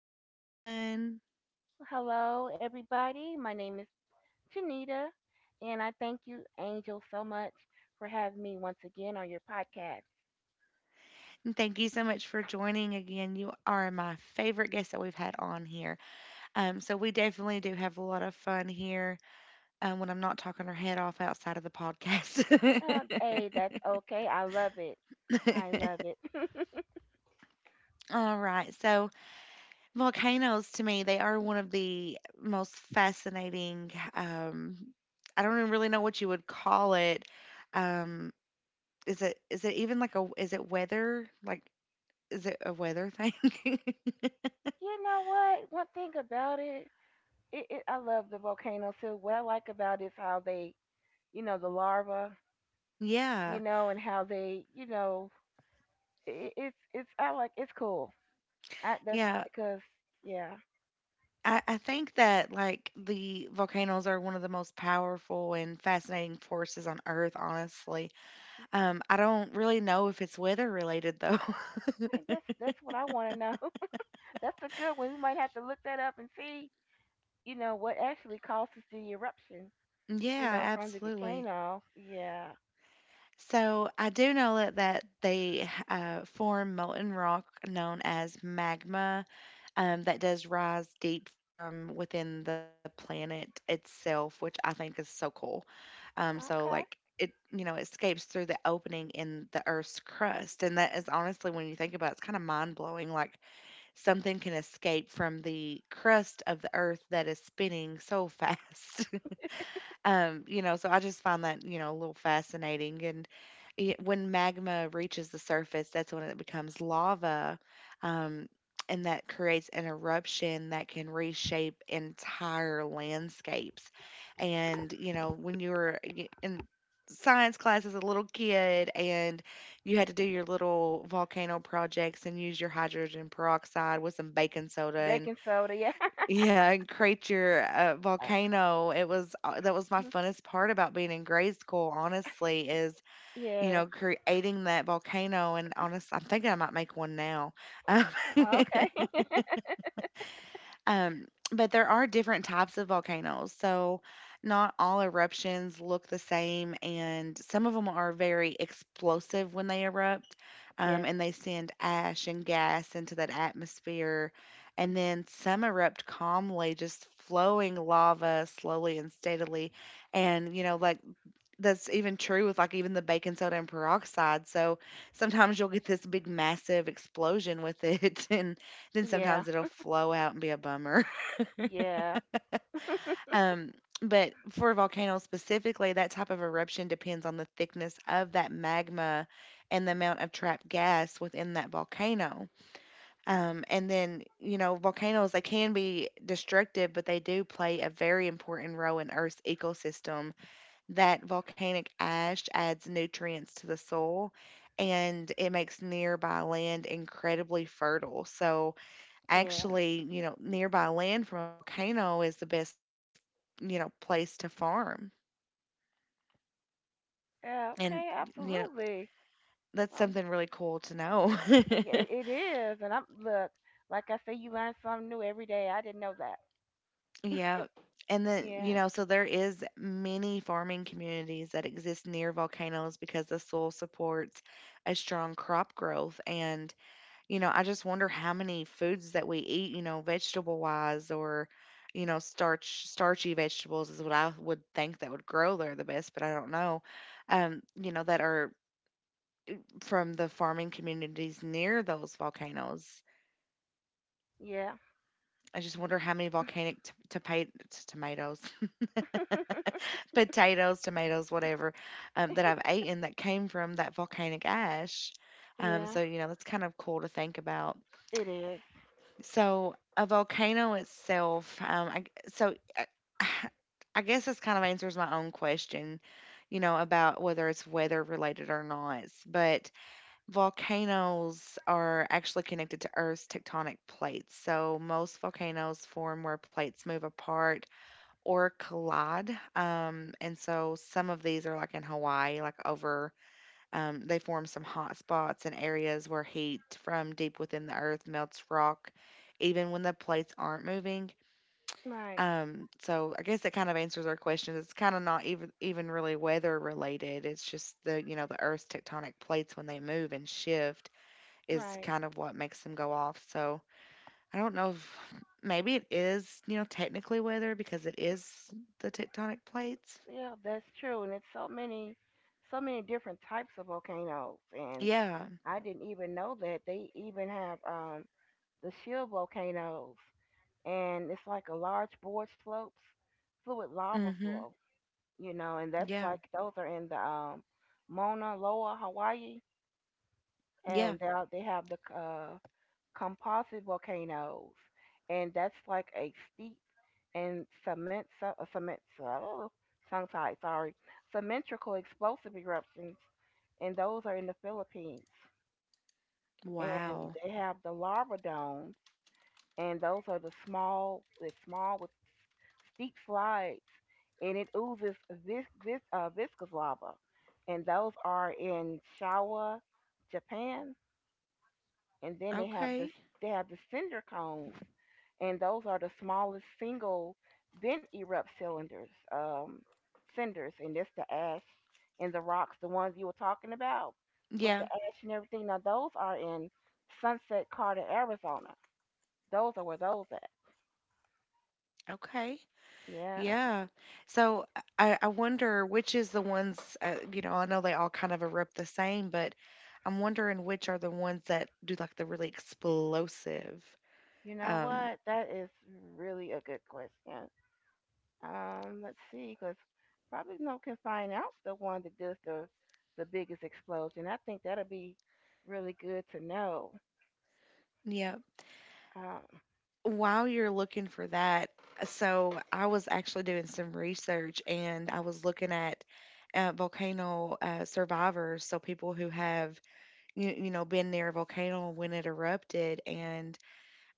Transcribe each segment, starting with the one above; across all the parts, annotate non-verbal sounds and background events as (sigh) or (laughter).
yourself again. Hello, everybody. My name is Janita, and I thank you, Angel, so much for having me once again on your podcast. And thank you so much for joining again. You are my favorite guest that we've had on here. So we definitely do have a lot of fun here when I'm not talking her head off outside of the Uh, podcast. hey, that's okay. I love it. I love it. (laughs) (laughs) All right. So volcanoes to me, they are one of the most fascinating. I don't even really know what you would call it. Um, is it even like a is it weather like is it a weather thing? You know what? One thing about it, I love the volcanoes too. What I like about it is how they, the larva, (laughs) Yeah. And how they, it's I like it's cool. That's Yeah, because yeah, I, I think that like the volcanoes are one of the most powerful and fascinating forces on Earth, honestly. I don't really know if it's weather related though. that's what I want to know. (laughs) That's a good one. We might have to look that up and see, what actually causes the eruption, (laughs) Yeah, from the absolutely. volcano. Yeah. So I do know that they form molten rock known as magma that does rise deep from within the planet itself, which I think is so cool. So like Okay. it, you know, escapes through the opening in the Earth's crust. And that is honestly, when you think about it, it's kind of mind blowing. Like something can escape from the crust of the Earth that is spinning so (laughs) fast. You know, so I just find that, you know, a little fascinating. And it, when magma reaches the surface, that's when it becomes lava. Um, and that creates an eruption that can reshape entire landscapes. And, you know, when you were in science class as a little kid and you had to do your little volcano projects and use your hydrogen peroxide with some baking soda and Baking soda, yeah. (laughs) yeah, and Creature Uh, Volcano. It was that was my mhm. funnest part about being in grade school, honestly, is, you Yes. know, creating that volcano and honest, I'm thinking I might make one now. Um, (laughs) Okay. (laughs) Um, but there are different types of volcanoes, so not all eruptions look the same, and some of them are very explosive when they erupt, Yes. and they send ash and gas into that atmosphere. And then some erupt calmly, just flowing lava slowly and steadily. And, you know, like that's even true with like even the baking soda and peroxide. So sometimes you'll get this big, massive explosion with it, (laughs) and then Yeah. sometimes it'll flow out and be a bummer. Yeah. Um, but for volcanoes specifically, that type of eruption depends on the thickness of that magma and the amount of trapped gas within that volcano. And then, you know, volcanoes, they can be destructive, but they do play a very important role in Earth's ecosystem. That volcanic ash adds nutrients to the soil and it makes nearby land incredibly fertile. So, Yeah. actually, you know, nearby land from a volcano is the best, you know, place to farm. Yeah, And, okay, you know, absolutely. that's Okay. something really cool to know. Yeah, (laughs) it is. And I'm look, like I say, you learn something new every day. I didn't know that. Yeah. And then, Yeah. you know, so there is many farming communities that exist near volcanoes because the soil supports a strong crop growth and you know, I just wonder how many foods that we eat, you know, vegetable wise or, you know, starchy vegetables is what I would think that would grow there the best, but I don't know. You know, that are from the farming communities near those volcanoes. Yeah. I just wonder how many volcanic tomatoes, (laughs) potatoes, tomatoes, whatever, that I've eaten that came from that volcanic ash. Yeah. So you know that's kind of cool to think about. It is. So a volcano itself, I, g- so I, (sighs) I guess this kind of answers my own question, you know, about whether it's weather related or not. But volcanoes are actually connected to Earth's tectonic plates. So most volcanoes form where plates move apart or collide. And so some of these are like in Hawaii, like over they form some hot spots and areas where heat from deep within the earth melts rock, even when the plates aren't moving. Right. So I guess that kind of answers our question. It's kind of not even really weather related. It's just the you know the Earth's tectonic plates when they move and shift is Right. kind of what makes them go off. So I don't know if maybe it is you know technically weather because it is the tectonic plates. Yeah, that's true. And it's so many different types of volcanoes, and Yeah. I didn't even know that they even have the shield volcanoes, and it's like a large board slopes, fluid lava Mhm. flow, and Yeah. that's like those are in the Mauna Loa, Hawaii, Yeah. and they have the composite volcanoes, and that's like a steep and cement, oh, tongue tied, sorry, symmetrical explosive eruptions, and those are in the Philippines. And Wow. they have the lava domes, and those are the small with steep slides, and it oozes viscous lava, and those are in Shawa, Japan. And then Okay. they have the cinder cones, and those are the smallest single vent erupt cylinders, cinders, and that's the ash and the rocks, the ones you were talking about with the Yeah. ash and everything. Now those are in Sunset Carter, Arizona. Those are where those at. Okay. Yeah. Yeah. So I wonder which is the ones, you know, I know they all kind of erupt the same, but I'm wondering which are the ones that do like the really explosive. You know Um, what? That is really a good question. Let's see, because probably no can find out the one that does the biggest explosion. I think that'll be really good to know. yeah. Um, While you're looking for that, so I was actually doing some research and I was looking at volcano survivors, so people who have you know been near a volcano when it erupted, and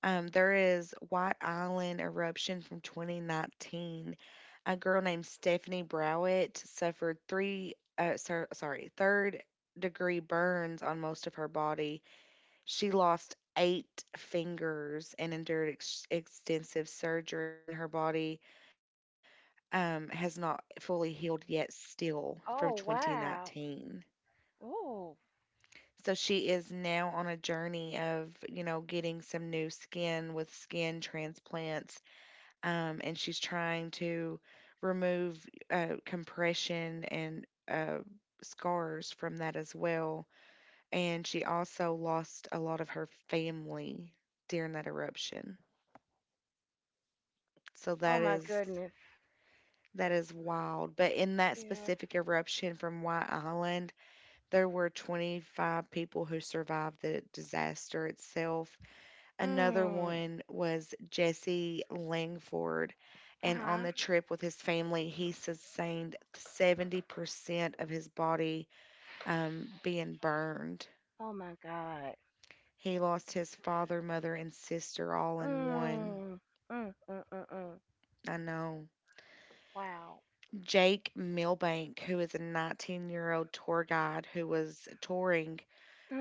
There is White Island eruption from 2019. A girl named Stephanie Browett suffered third degree burns on most of her body. She lost eight fingers and endured extensive surgery, and her body has not fully healed yet, still from Oh, wow. 2019. Ooh. So she is now on a journey of, you know, getting some new skin with skin transplants and she's trying to remove compression and scars from that as well. And she also lost a lot of her family during that eruption. So Oh my goodness. that is wild. But in that Yeah. specific eruption from White Island, there were 25 people who survived the disaster itself. Another Mm. one was Jesse Langford, Uh and on huh. the trip with his family, he sustained 70% of his body being burned. Oh my God. He lost his father, mother, and sister all in one. Mm. Mm. Mm. Mm. Mm. I know. Wow. Jake Milbank, who is a 19-year-old tour guide who was touring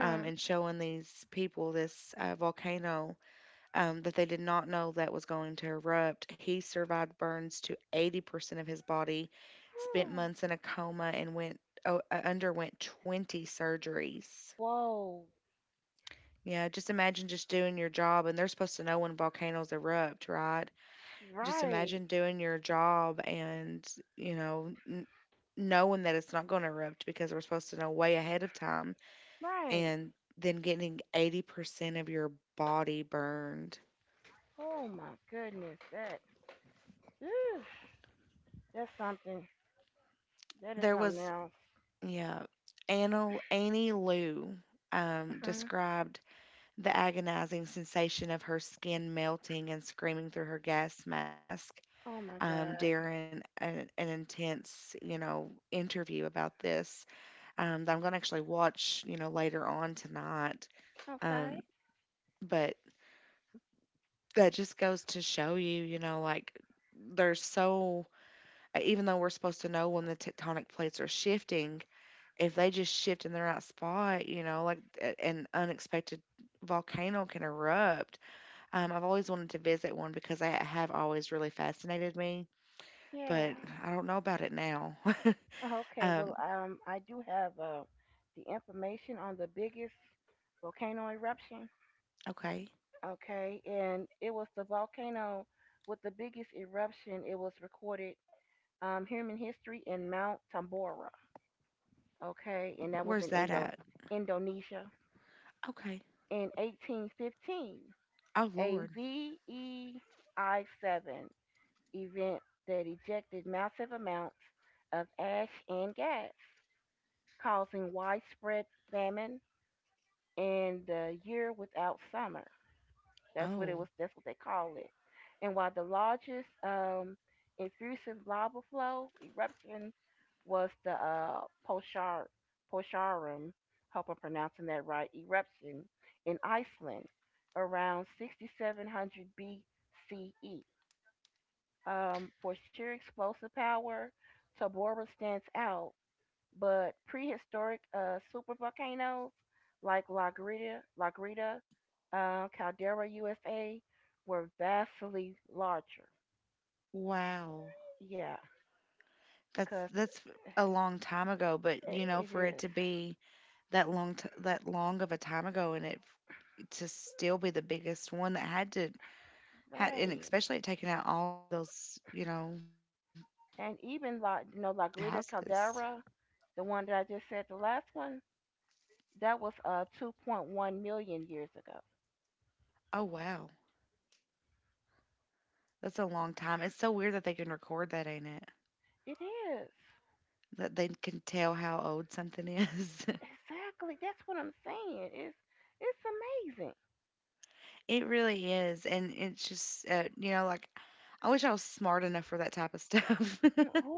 and showing these people this volcano that they did not know that was going to erupt. He survived burns to 80% of his body, spent Whew. months in a coma, and underwent 20 surgeries. Whoa. Yeah, just imagine just doing your job, and they're supposed to know when volcanoes erupt, right? Just Right. imagine doing your job and, you know, knowing that it's not going to erupt because we're supposed to know way ahead of time, Right. and then getting 80% of your body burned Oh my goodness. That. Oof, that's something. That is there something was else. Yeah. Annie Lou Mhm. described the agonizing sensation of her skin melting and screaming through her gas mask Oh my God. during an intense, you know, interview about this that I'm going to actually watch, you know, later on tonight. Um, Okay. but that just goes to show you, you know, like there's so, even though we're supposed to know when the tectonic plates are shifting, if they just shift in the right spot, you know, like an unexpected volcano can erupt. I've always wanted to visit one because they have always really fascinated me, Yeah. but I don't know about it now. (laughs) Okay. um, Well, I do have the information on the biggest volcano eruption. okay, Okay, and it was the volcano with the biggest eruption. It was recorded human history in Mount Tambora. Okay, and that was where's in that at? Indonesia Okay, in 1815. oh A Lord, V E I seven event that ejected massive amounts of ash and gas, causing widespread famine and the year without summer. That's what oh it was. That's what they call it. And while the largest effusive lava flow eruption was the Poshar, Posharum, hope I'm pronouncing that right, eruption in Iceland around 6700 BCE. For sheer explosive power, Tabora stands out, but prehistoric super volcanoes like La Grita Caldera, USA, were vastly larger. wow, Yeah, because that's a long time ago. But it, you know, it for it is. to be that long of a time ago, and it to still be the biggest one that had to Had and Right. especially at taking out all of those, you know, And even La houses. Grita Caldera, the one that I just said, the last one, that was 2.1 million years ago. Oh, wow. That's a long time. It's so weird that they can record that, ain't it? It is. That they can tell how old something is. Exactly. That's what I'm saying. It's amazing. (laughs) It really is. And it's just, you know, like, I wish I was smart enough for that type of stuff. Mm, (laughs) Who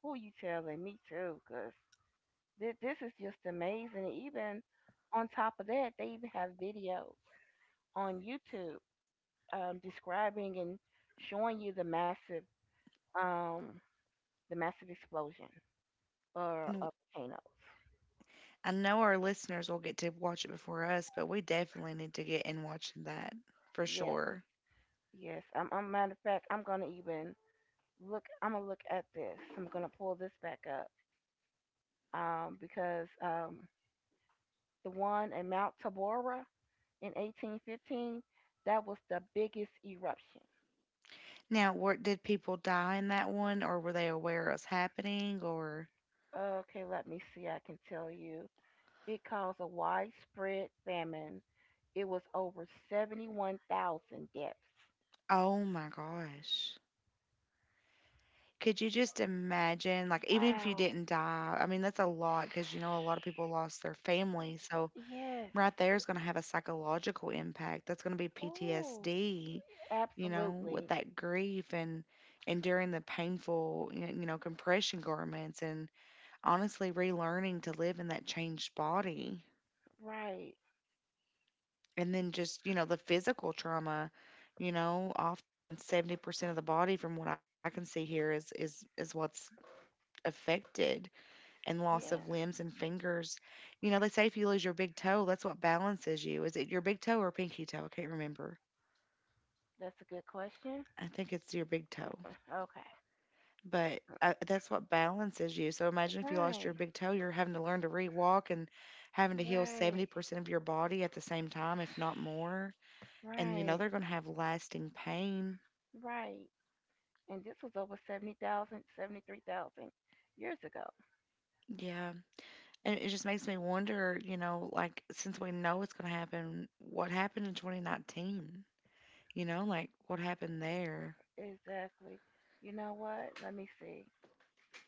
who you telling? Me too. 'Cause this is just amazing. Even on top of that, they even have videos on YouTube describing and showing you um the massive explosion or And of volcanoes. I know our listeners will get to watch it before us, but we definitely need to get in watching that for Yes, sure. yes. I'm matter of fact, I'm gonna even look. I'm gonna look at this. I'm gonna pull this back up because the one in Mount Tabora in 1815, that was the biggest eruption. Now, what did people die in that one, or were they aware it was happening? Or, Okay, let me see, I can tell you. It caused a widespread famine. It was over 71,000 deaths. oh my gosh. Could you just imagine, like, even if you Wow. didn't die, I mean, that's a lot because, you know, a lot of people lost their family. So, Yes. right there is going to have a psychological impact. That's going to be Oh, PTSD, you know, with absolutely. that grief and enduring the painful, you know, compression garments and honestly relearning to live in that changed body. Right. And then just, you know, the physical trauma, you know, often 70% of the body from what I can see here is what's affected and loss of Yeah, limbs and fingers. You know, they say if you lose your big toe, that's what balances you. Is it your big toe or pinky toe? I can't remember. that's a good question. I think it's your big toe, Okay. but that's what balances you. So imagine if you lost your Right. big toe, you're having to learn to re-walk and having to heal Right. 70% of your body at the same time, if not more. And you know, Right. they're going to have lasting pain. Right. And this was over 73,000 years ago. Yeah. And it just makes me wonder, you know, like since we know it's going to happen, what happened in 2019? You know, like what happened there? Exactly. You know what? Let me see,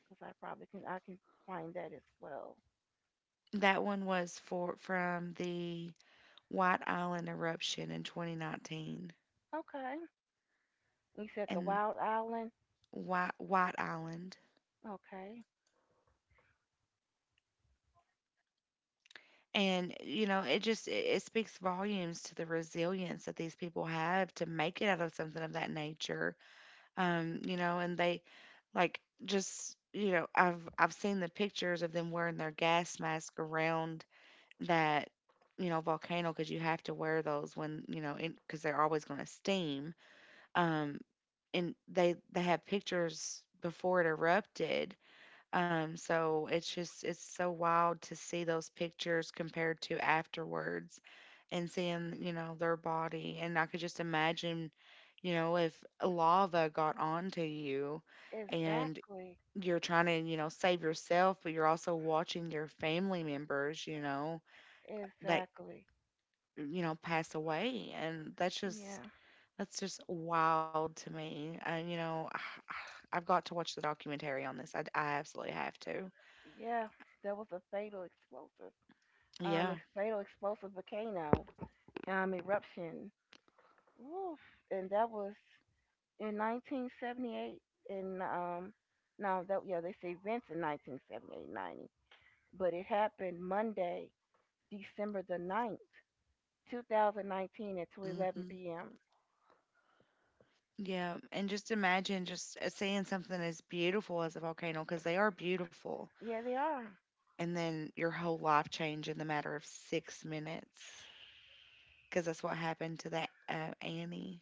because I can find that as well. That one was for from the White Island eruption in 2019, Okay. You said the and Wild Island. White Island. Okay. And you know, it just it speaks volumes to the resilience that these people have to make it out of something of that nature. You know, and they like just you know, I've seen the pictures of them wearing their gas mask around that you know volcano because you have to wear those when you know because they're always going to steam. Um, and they have pictures before it erupted. So it's just it's so wild to see those pictures compared to afterwards, and seeing you know their body. And I could just imagine, you know, if lava got onto you, and Exactly. you're trying to you know save yourself, but you're also watching your family members, you know, that Exactly. you know pass away, and that's just Yeah. that's just wild to me. And, you know, (sighs) I've got to watch the documentary on this. I absolutely have to. Yeah. There was a fatal explosive. A Yeah. fatal explosive volcano eruption. Oof. And that was in 1978, and no, that, yeah, they say events in 1978 90, but it happened Monday, December the ninth, 2019 at 2:11 Hmm. p.m. Yeah. And just imagine just seeing something as beautiful as a volcano, because they are beautiful, Yeah, they are. and then your whole life change in the matter of 6 minutes, because that's what happened to that Annie.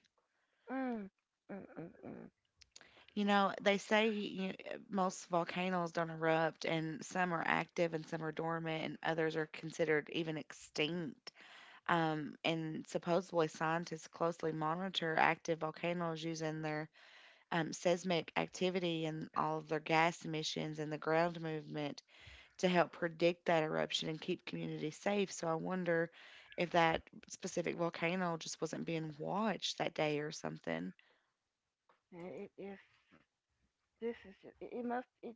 Mm, mm, mm, mm. You know, they say you, most volcanoes don't erupt, and some are active and some are dormant, and others are considered even extinct. And supposedly scientists closely monitor active volcanoes using their seismic activity and all of their gas emissions and the ground movement to help predict that eruption and keep communities safe. So I wonder if that specific volcano just wasn't being watched that day or something. It is. This is. It must. It.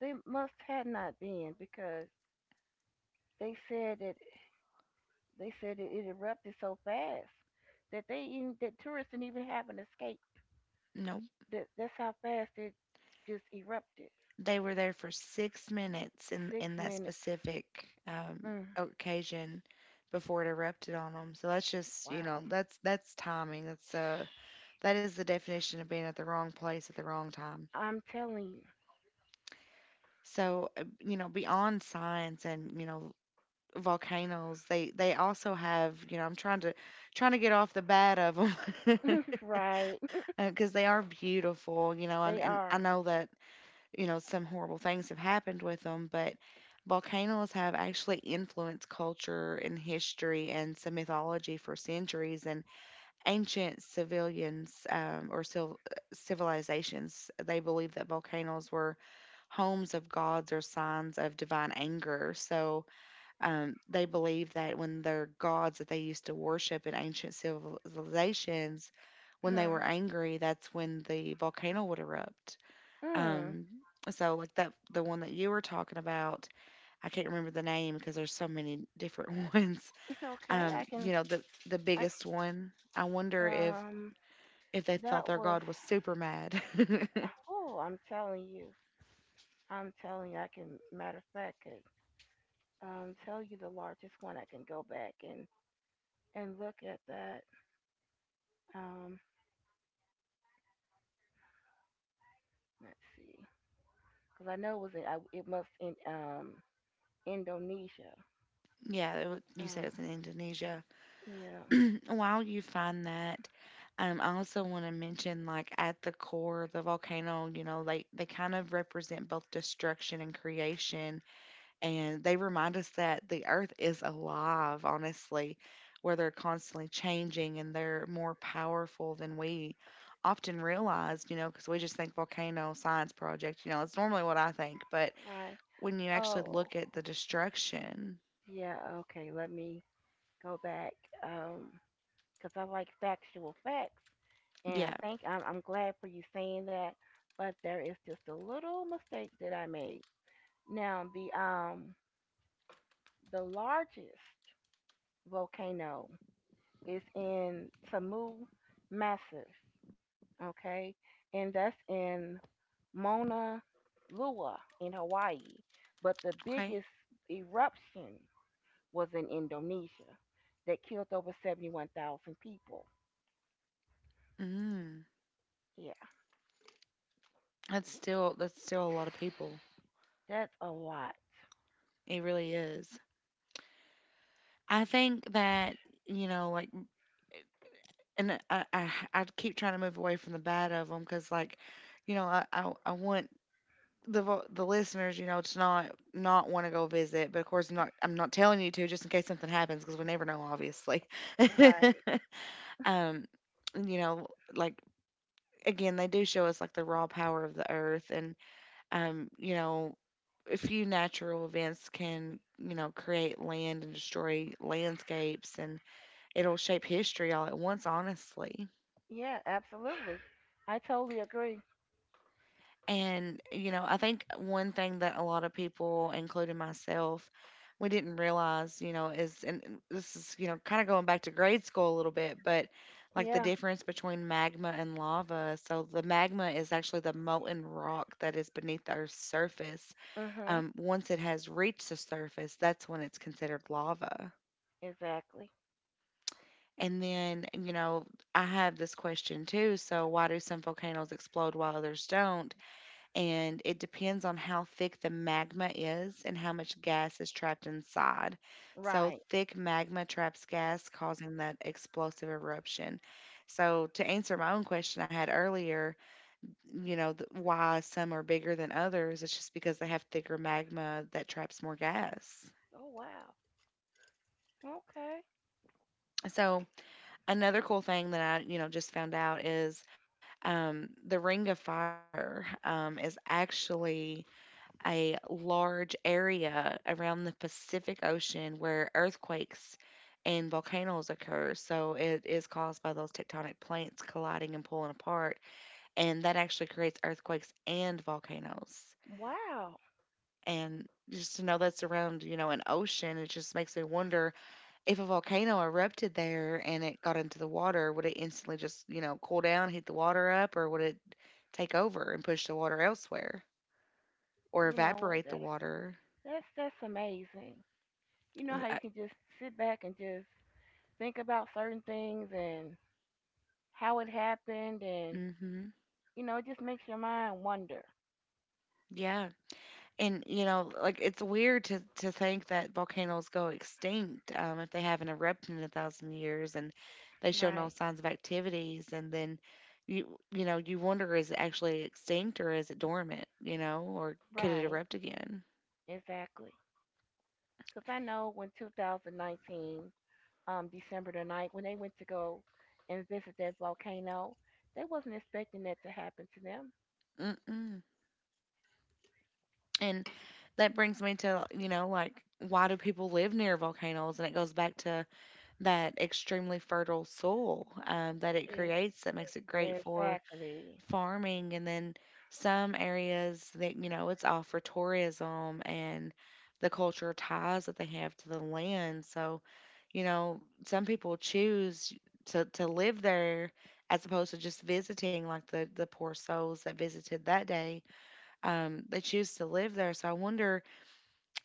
They must have not been because they said that. They said that it erupted so fast that tourists didn't even have an escape. No, That's how fast it just erupted. they were there for 6 minutes in Six that minutes. specific um, Mm, occasion before it erupted on them. So that's just you know wow. that's timing. That's That is the definition of being at the wrong place at the wrong time. I'm telling you, So, you know, beyond science and, you know, volcanoes, they also have, you know, I'm trying to get off the bat of them (laughs) right? (laughs) because they are beautiful, you know, They and I are. know that, you know, some horrible things have happened with them, but volcanoes have actually influenced culture and history and some mythology for centuries and ancient civilians or civilizations. They believed that volcanoes were homes of gods or signs of divine anger. So they believed that when their gods that they used to worship in ancient civilizations, when they were Hmm. angry, that's when the volcano would erupt. Hmm. (laughs) Um, so like that, the one that you were talking about, I can't remember the name because there's so many different (laughs) ones. Okay, I can. You know, the I biggest one. I can. wonder Um, if they thought that their was. god was super mad. (laughs) Oh, I'm telling you. I'm telling you. I can. Matter of fact, I could tell you the largest one. I can go back and look at that. Um, let's see, because I know it was in. It must in Indonesia. Yeah, you said Uh, it's in Indonesia. yeah. (clears throat) While you find that, I also want to mention like at the core of the volcano, you know, like they kind of represent both destruction and creation, and they remind us that the earth is alive, honestly, where they're constantly changing and they're more powerful than we often realize, you know, because we just think volcano science project, you know, it's normally what I think, but Right. when you actually Oh. look at the destruction. Yeah, okay, let me go back um, 'cause I like factual facts. And I Yeah. think I'm glad for you saying that, but there is just a little mistake that I made. Now, the largest volcano is in Tamu Massive, okay? And that's in Mauna Loa in Hawaii. But the Okay. biggest eruption was in Indonesia that killed over 71,000 people. Mm. Yeah, That's still a (sighs) lot of people. that's a lot. It really is. I think that you know, like, and I keep trying to move away from the bad of them because, like, you know, I want the listeners, you know, to not want to go visit, but of course, I'm not telling you to just in case something happens because we never know, obviously. Right. (laughs) um, you know, like again, they do show us like the raw power of the earth and you know, a few natural events can, you know, create land and destroy landscapes and it'll shape history all at once, honestly. Yeah, absolutely. I totally agree. And, you know, I think one thing that a lot of people, including myself, we didn't realize, you know, is, and this is, you know, kind of going back to grade school a little bit, but like the Yeah. difference between magma and lava. So the magma is actually the molten rock that is beneath the Earth's surface. Mhm. Once it has reached the surface, that's when it's considered lava. Exactly. And then, you know, I have this question too. So, why do some volcanoes explode while others don't? And it depends on how thick the magma is and how much gas is trapped inside. So, Right. thick magma traps gas, causing that explosive eruption. So, to answer my own question I had earlier, you know, why some are bigger than others, it's just because they have thicker magma that traps more gas. Oh wow. Okay. So, another cool thing that I, you know, just found out is the Ring of Fire is actually a large area around the Pacific Ocean where earthquakes and volcanoes occur. So it is caused by those tectonic plates colliding and pulling apart, and that actually creates earthquakes and volcanoes. Wow. And just to know that's around, you know, an ocean, it just makes me wonder if a volcano erupted there and it got into the water, would it instantly just, you know, cool down, heat the water up, or would it take over and push the water elsewhere or You know what, evaporate the that water? that's that's amazing. You know how you can just sit back and just think about certain things and how it happened, and Mm-hmm. It just makes your mind wonder. Yeah. And, you know, like it's weird to think that volcanoes go extinct if they haven't erupted in 1,000 years and they show no Right. signs of activities. And then you know, you wonder is it actually extinct or is it dormant, you know, or could it Right. erupt again? Exactly. Because I know when 2019, December the ninth, when they went to go and visit that volcano, they wasn't expecting that to happen to them. Mm-mm. And that brings me to, you know, like, why do people live near volcanoes? And it goes back to that extremely fertile soil that it Is creates that makes it great for exactly farming. And then some areas that, you know, it's all for tourism and the cultural ties that they have to the land. So, you know, some people choose to live there as opposed to just visiting, like the poor souls that visited that day. They choose to live there. So I wonder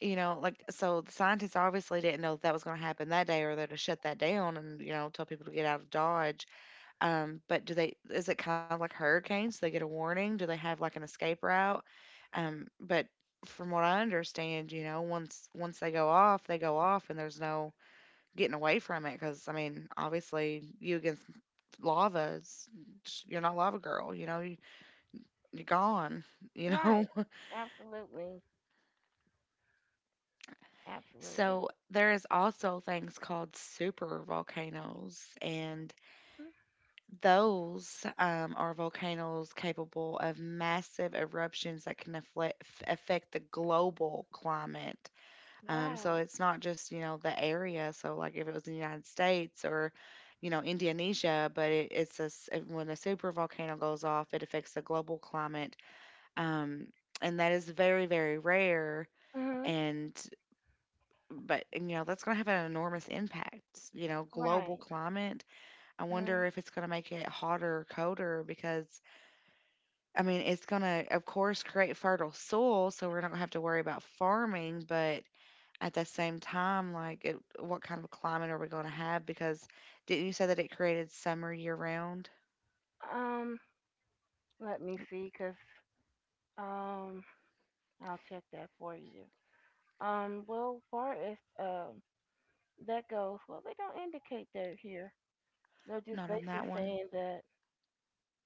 you know, like, so the scientists obviously didn't know that was gonna happen that day or they'd have shut that down and, you know, tell people to get out of Dodge. But do they is it kind of like hurricanes? Do they get a warning? Do they have like an escape route? But from what I understand, you know, once they go off and there's no getting away from it, because I mean, obviously you against lava is you're not lava girl, you know, you, you're gone, (laughs) you know. right. Absolutely. Absolutely. So there is also things called super volcanoes, and Mhm. those are volcanoes capable of massive eruptions that can affect the global climate. So Wow. it's not just you know the area. So like if it was in the United States or you know Indonesia, but it's when a super volcano goes off, it affects the global climate, um, and that is very very rare Hmm. and you know that's going to have an enormous impact you know global Right. climate. I wonder Hmm. if it's going to make it hotter colder because I mean it's going to of course create fertile soil so we're not going to have to worry about farming but at the same time like it, what kind of climate are we going to have because didn't you say that it created summer year round? Um, let me see, cause um, I'll check that for you. Well, far as that goes, well, they don't indicate that here. They're just Not on basically that one. saying that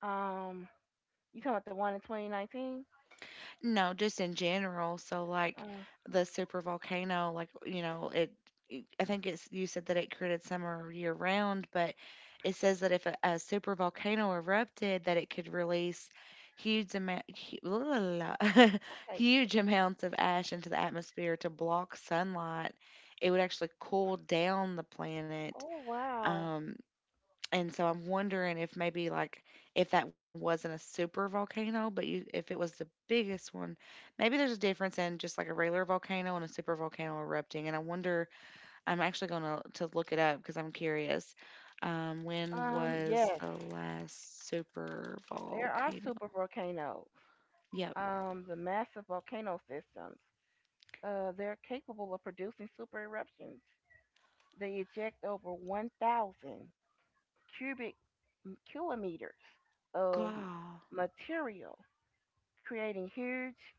um you talking about the one in 2019? No, just in general. So like Uh, the super volcano, like you know, I think it's you said that it created summer year round, but it says that if a super volcano erupted, that it could release huge amount, hu- la, la, la, la, (laughs) okay. huge amounts of ash into the atmosphere to block sunlight. It would actually cool down the planet. Oh wow. Um, and so I'm wondering if maybe like if that one wasn't a super volcano, but you if it was the biggest one, maybe there's a difference in just like a regular volcano and a super volcano erupting. And I wonder, I'm actually gonna to look it up because I'm curious. When Um was yes, the last super there are volcano? super volcanoes. Yep. The massive volcano systems. They're capable of producing super eruptions. They eject over 1,000 cubic kilometers of God. material, creating huge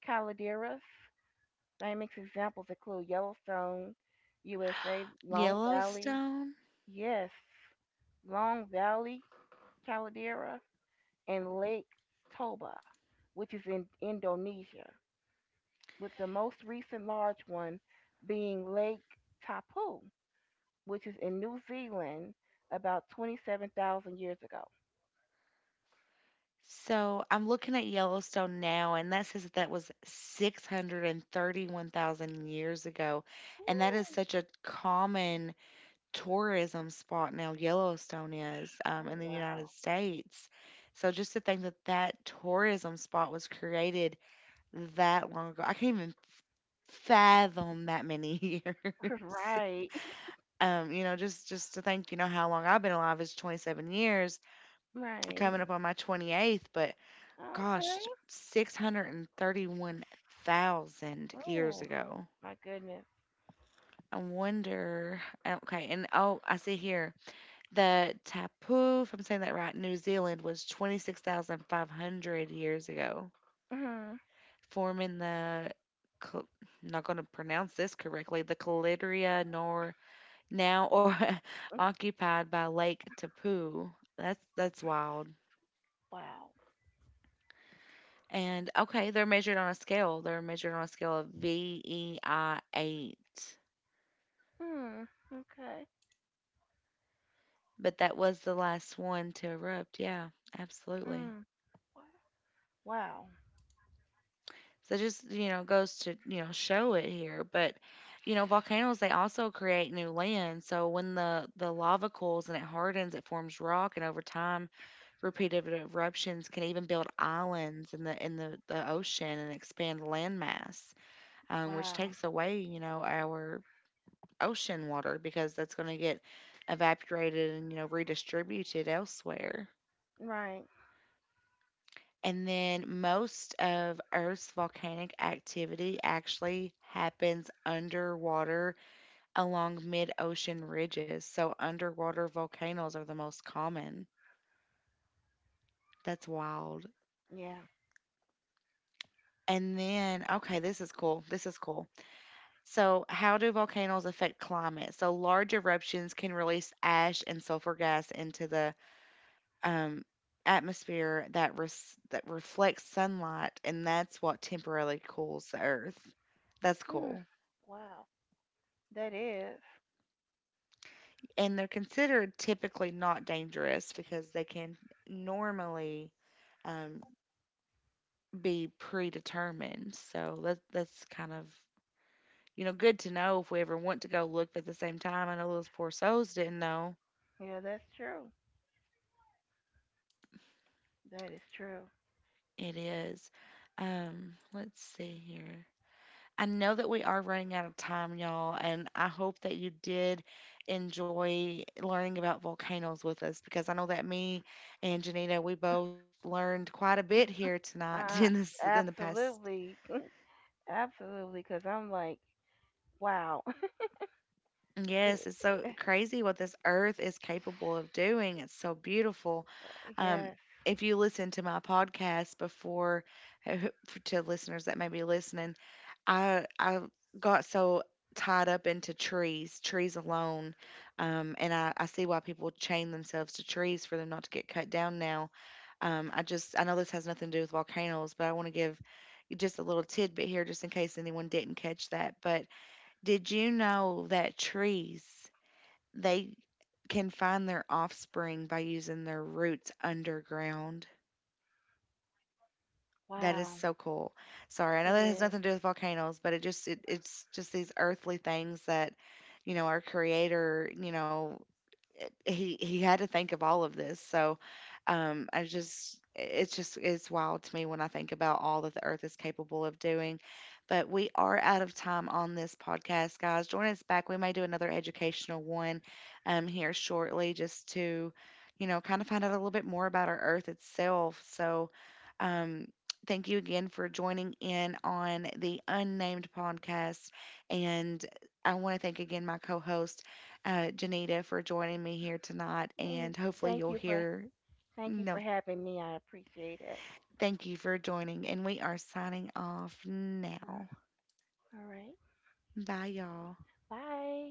calderas. Famous examples include Yellowstone, USA, Long Valley, Yellowstone? yes, Long Valley Caldera, and Lake Toba, which is in Indonesia, with the most recent large one being Lake Tapu, which is in New Zealand about 27,000 years ago. So I'm looking at Yellowstone now, and that says that that was 631,000 years ago. And that is Woo. such a common tourism spot now. Yellowstone is Oh, in the wow. United States. So just to think that that tourism spot was created that long ago, I can't even fathom that many (laughs) (laughs) years. Right. Just to think, how long I've been alive is 27 years, (laughs) Right. coming up on my 28th, but Okay. gosh, 631,000 years Oh, ago. my goodness. I wonder. Okay, and oh, I see here the tapu, if I'm saying that right, New Zealand was 26,500 years ago, Mhm. forming the, Cl- I'm not going to pronounce this correctly, the Calidria nor now or (laughs) Mm. occupied by Lake Tapu. That's wild. Wow. And okay, they're measured on a scale. They're measured on a scale of VEI 8. Mm, okay. But that was the last one to erupt. Yeah, absolutely. Mm, wow. So just, goes to, show it here. But, volcanoes, they also create new land. So when the lava cools and it hardens, it forms rock. And over time, repeated eruptions can even build islands in the ocean and expand landmass, which Wow. takes away, our ocean water because that's going to get evaporated and, redistributed elsewhere. Right. And then most of Earth's volcanic activity actually happens underwater along mid ocean ridges. So underwater volcanoes are the most common. That's wild. Yeah. And then, okay, this is cool. This is cool. So, how do volcanoes affect climate? So large eruptions can release ash and sulfur gas into the um, atmosphere that that reflects sunlight, and that's what temporarily cools the Earth. That's Mm, cool. wow. That is. And they're considered typically not dangerous because they can normally um, be predetermined. So that's kind of good to know if we ever want to go look. But at the same time, I know those poor souls didn't know Yeah, that's true. That is true. it is. Let's see here. I know that we are running out of time, y'all, and I hope that you did enjoy learning about volcanoes with us because I know that me and Janita, we both learned quite a bit here tonight (laughs) Uh, in the past. absolutely. Absolutely. Because I'm like, wow. (laughs) Yes, It, it's so (sighs) it- crazy what this earth is capable of doing. It's so beautiful. Um, yes. if you listen to my podcast before, (laughs) to listeners that may be listening, I got so tied up into trees, trees alone, and I see why people chain themselves to trees for them not to get cut down now. I know this has nothing to do with volcanoes, but I want to give you just a little tidbit here, just in case anyone didn't catch that. But did you know that trees, they can find their offspring by using their roots underground? That is Wow. so cool. Sorry, I know It that has is. nothing to do with volcanoes, but it's just these earthly things that, our creator, he had to think of all of this. So I just it's wild to me when I think about all that the earth is capable of doing. But we are out of time on this podcast, guys. Join us back. We may do another educational one, here shortly, just to kind of find out a little bit more about our earth itself. So um, thank you again for joining in on the unnamed podcast. And I want to thank again my co host, Janita, for joining me here tonight. Eh, And hopefully, Thank you'll you for hear, thank you for no, having me. I appreciate it. thank you for joining. And we are signing off now. All right. Bye, y'all. Bye.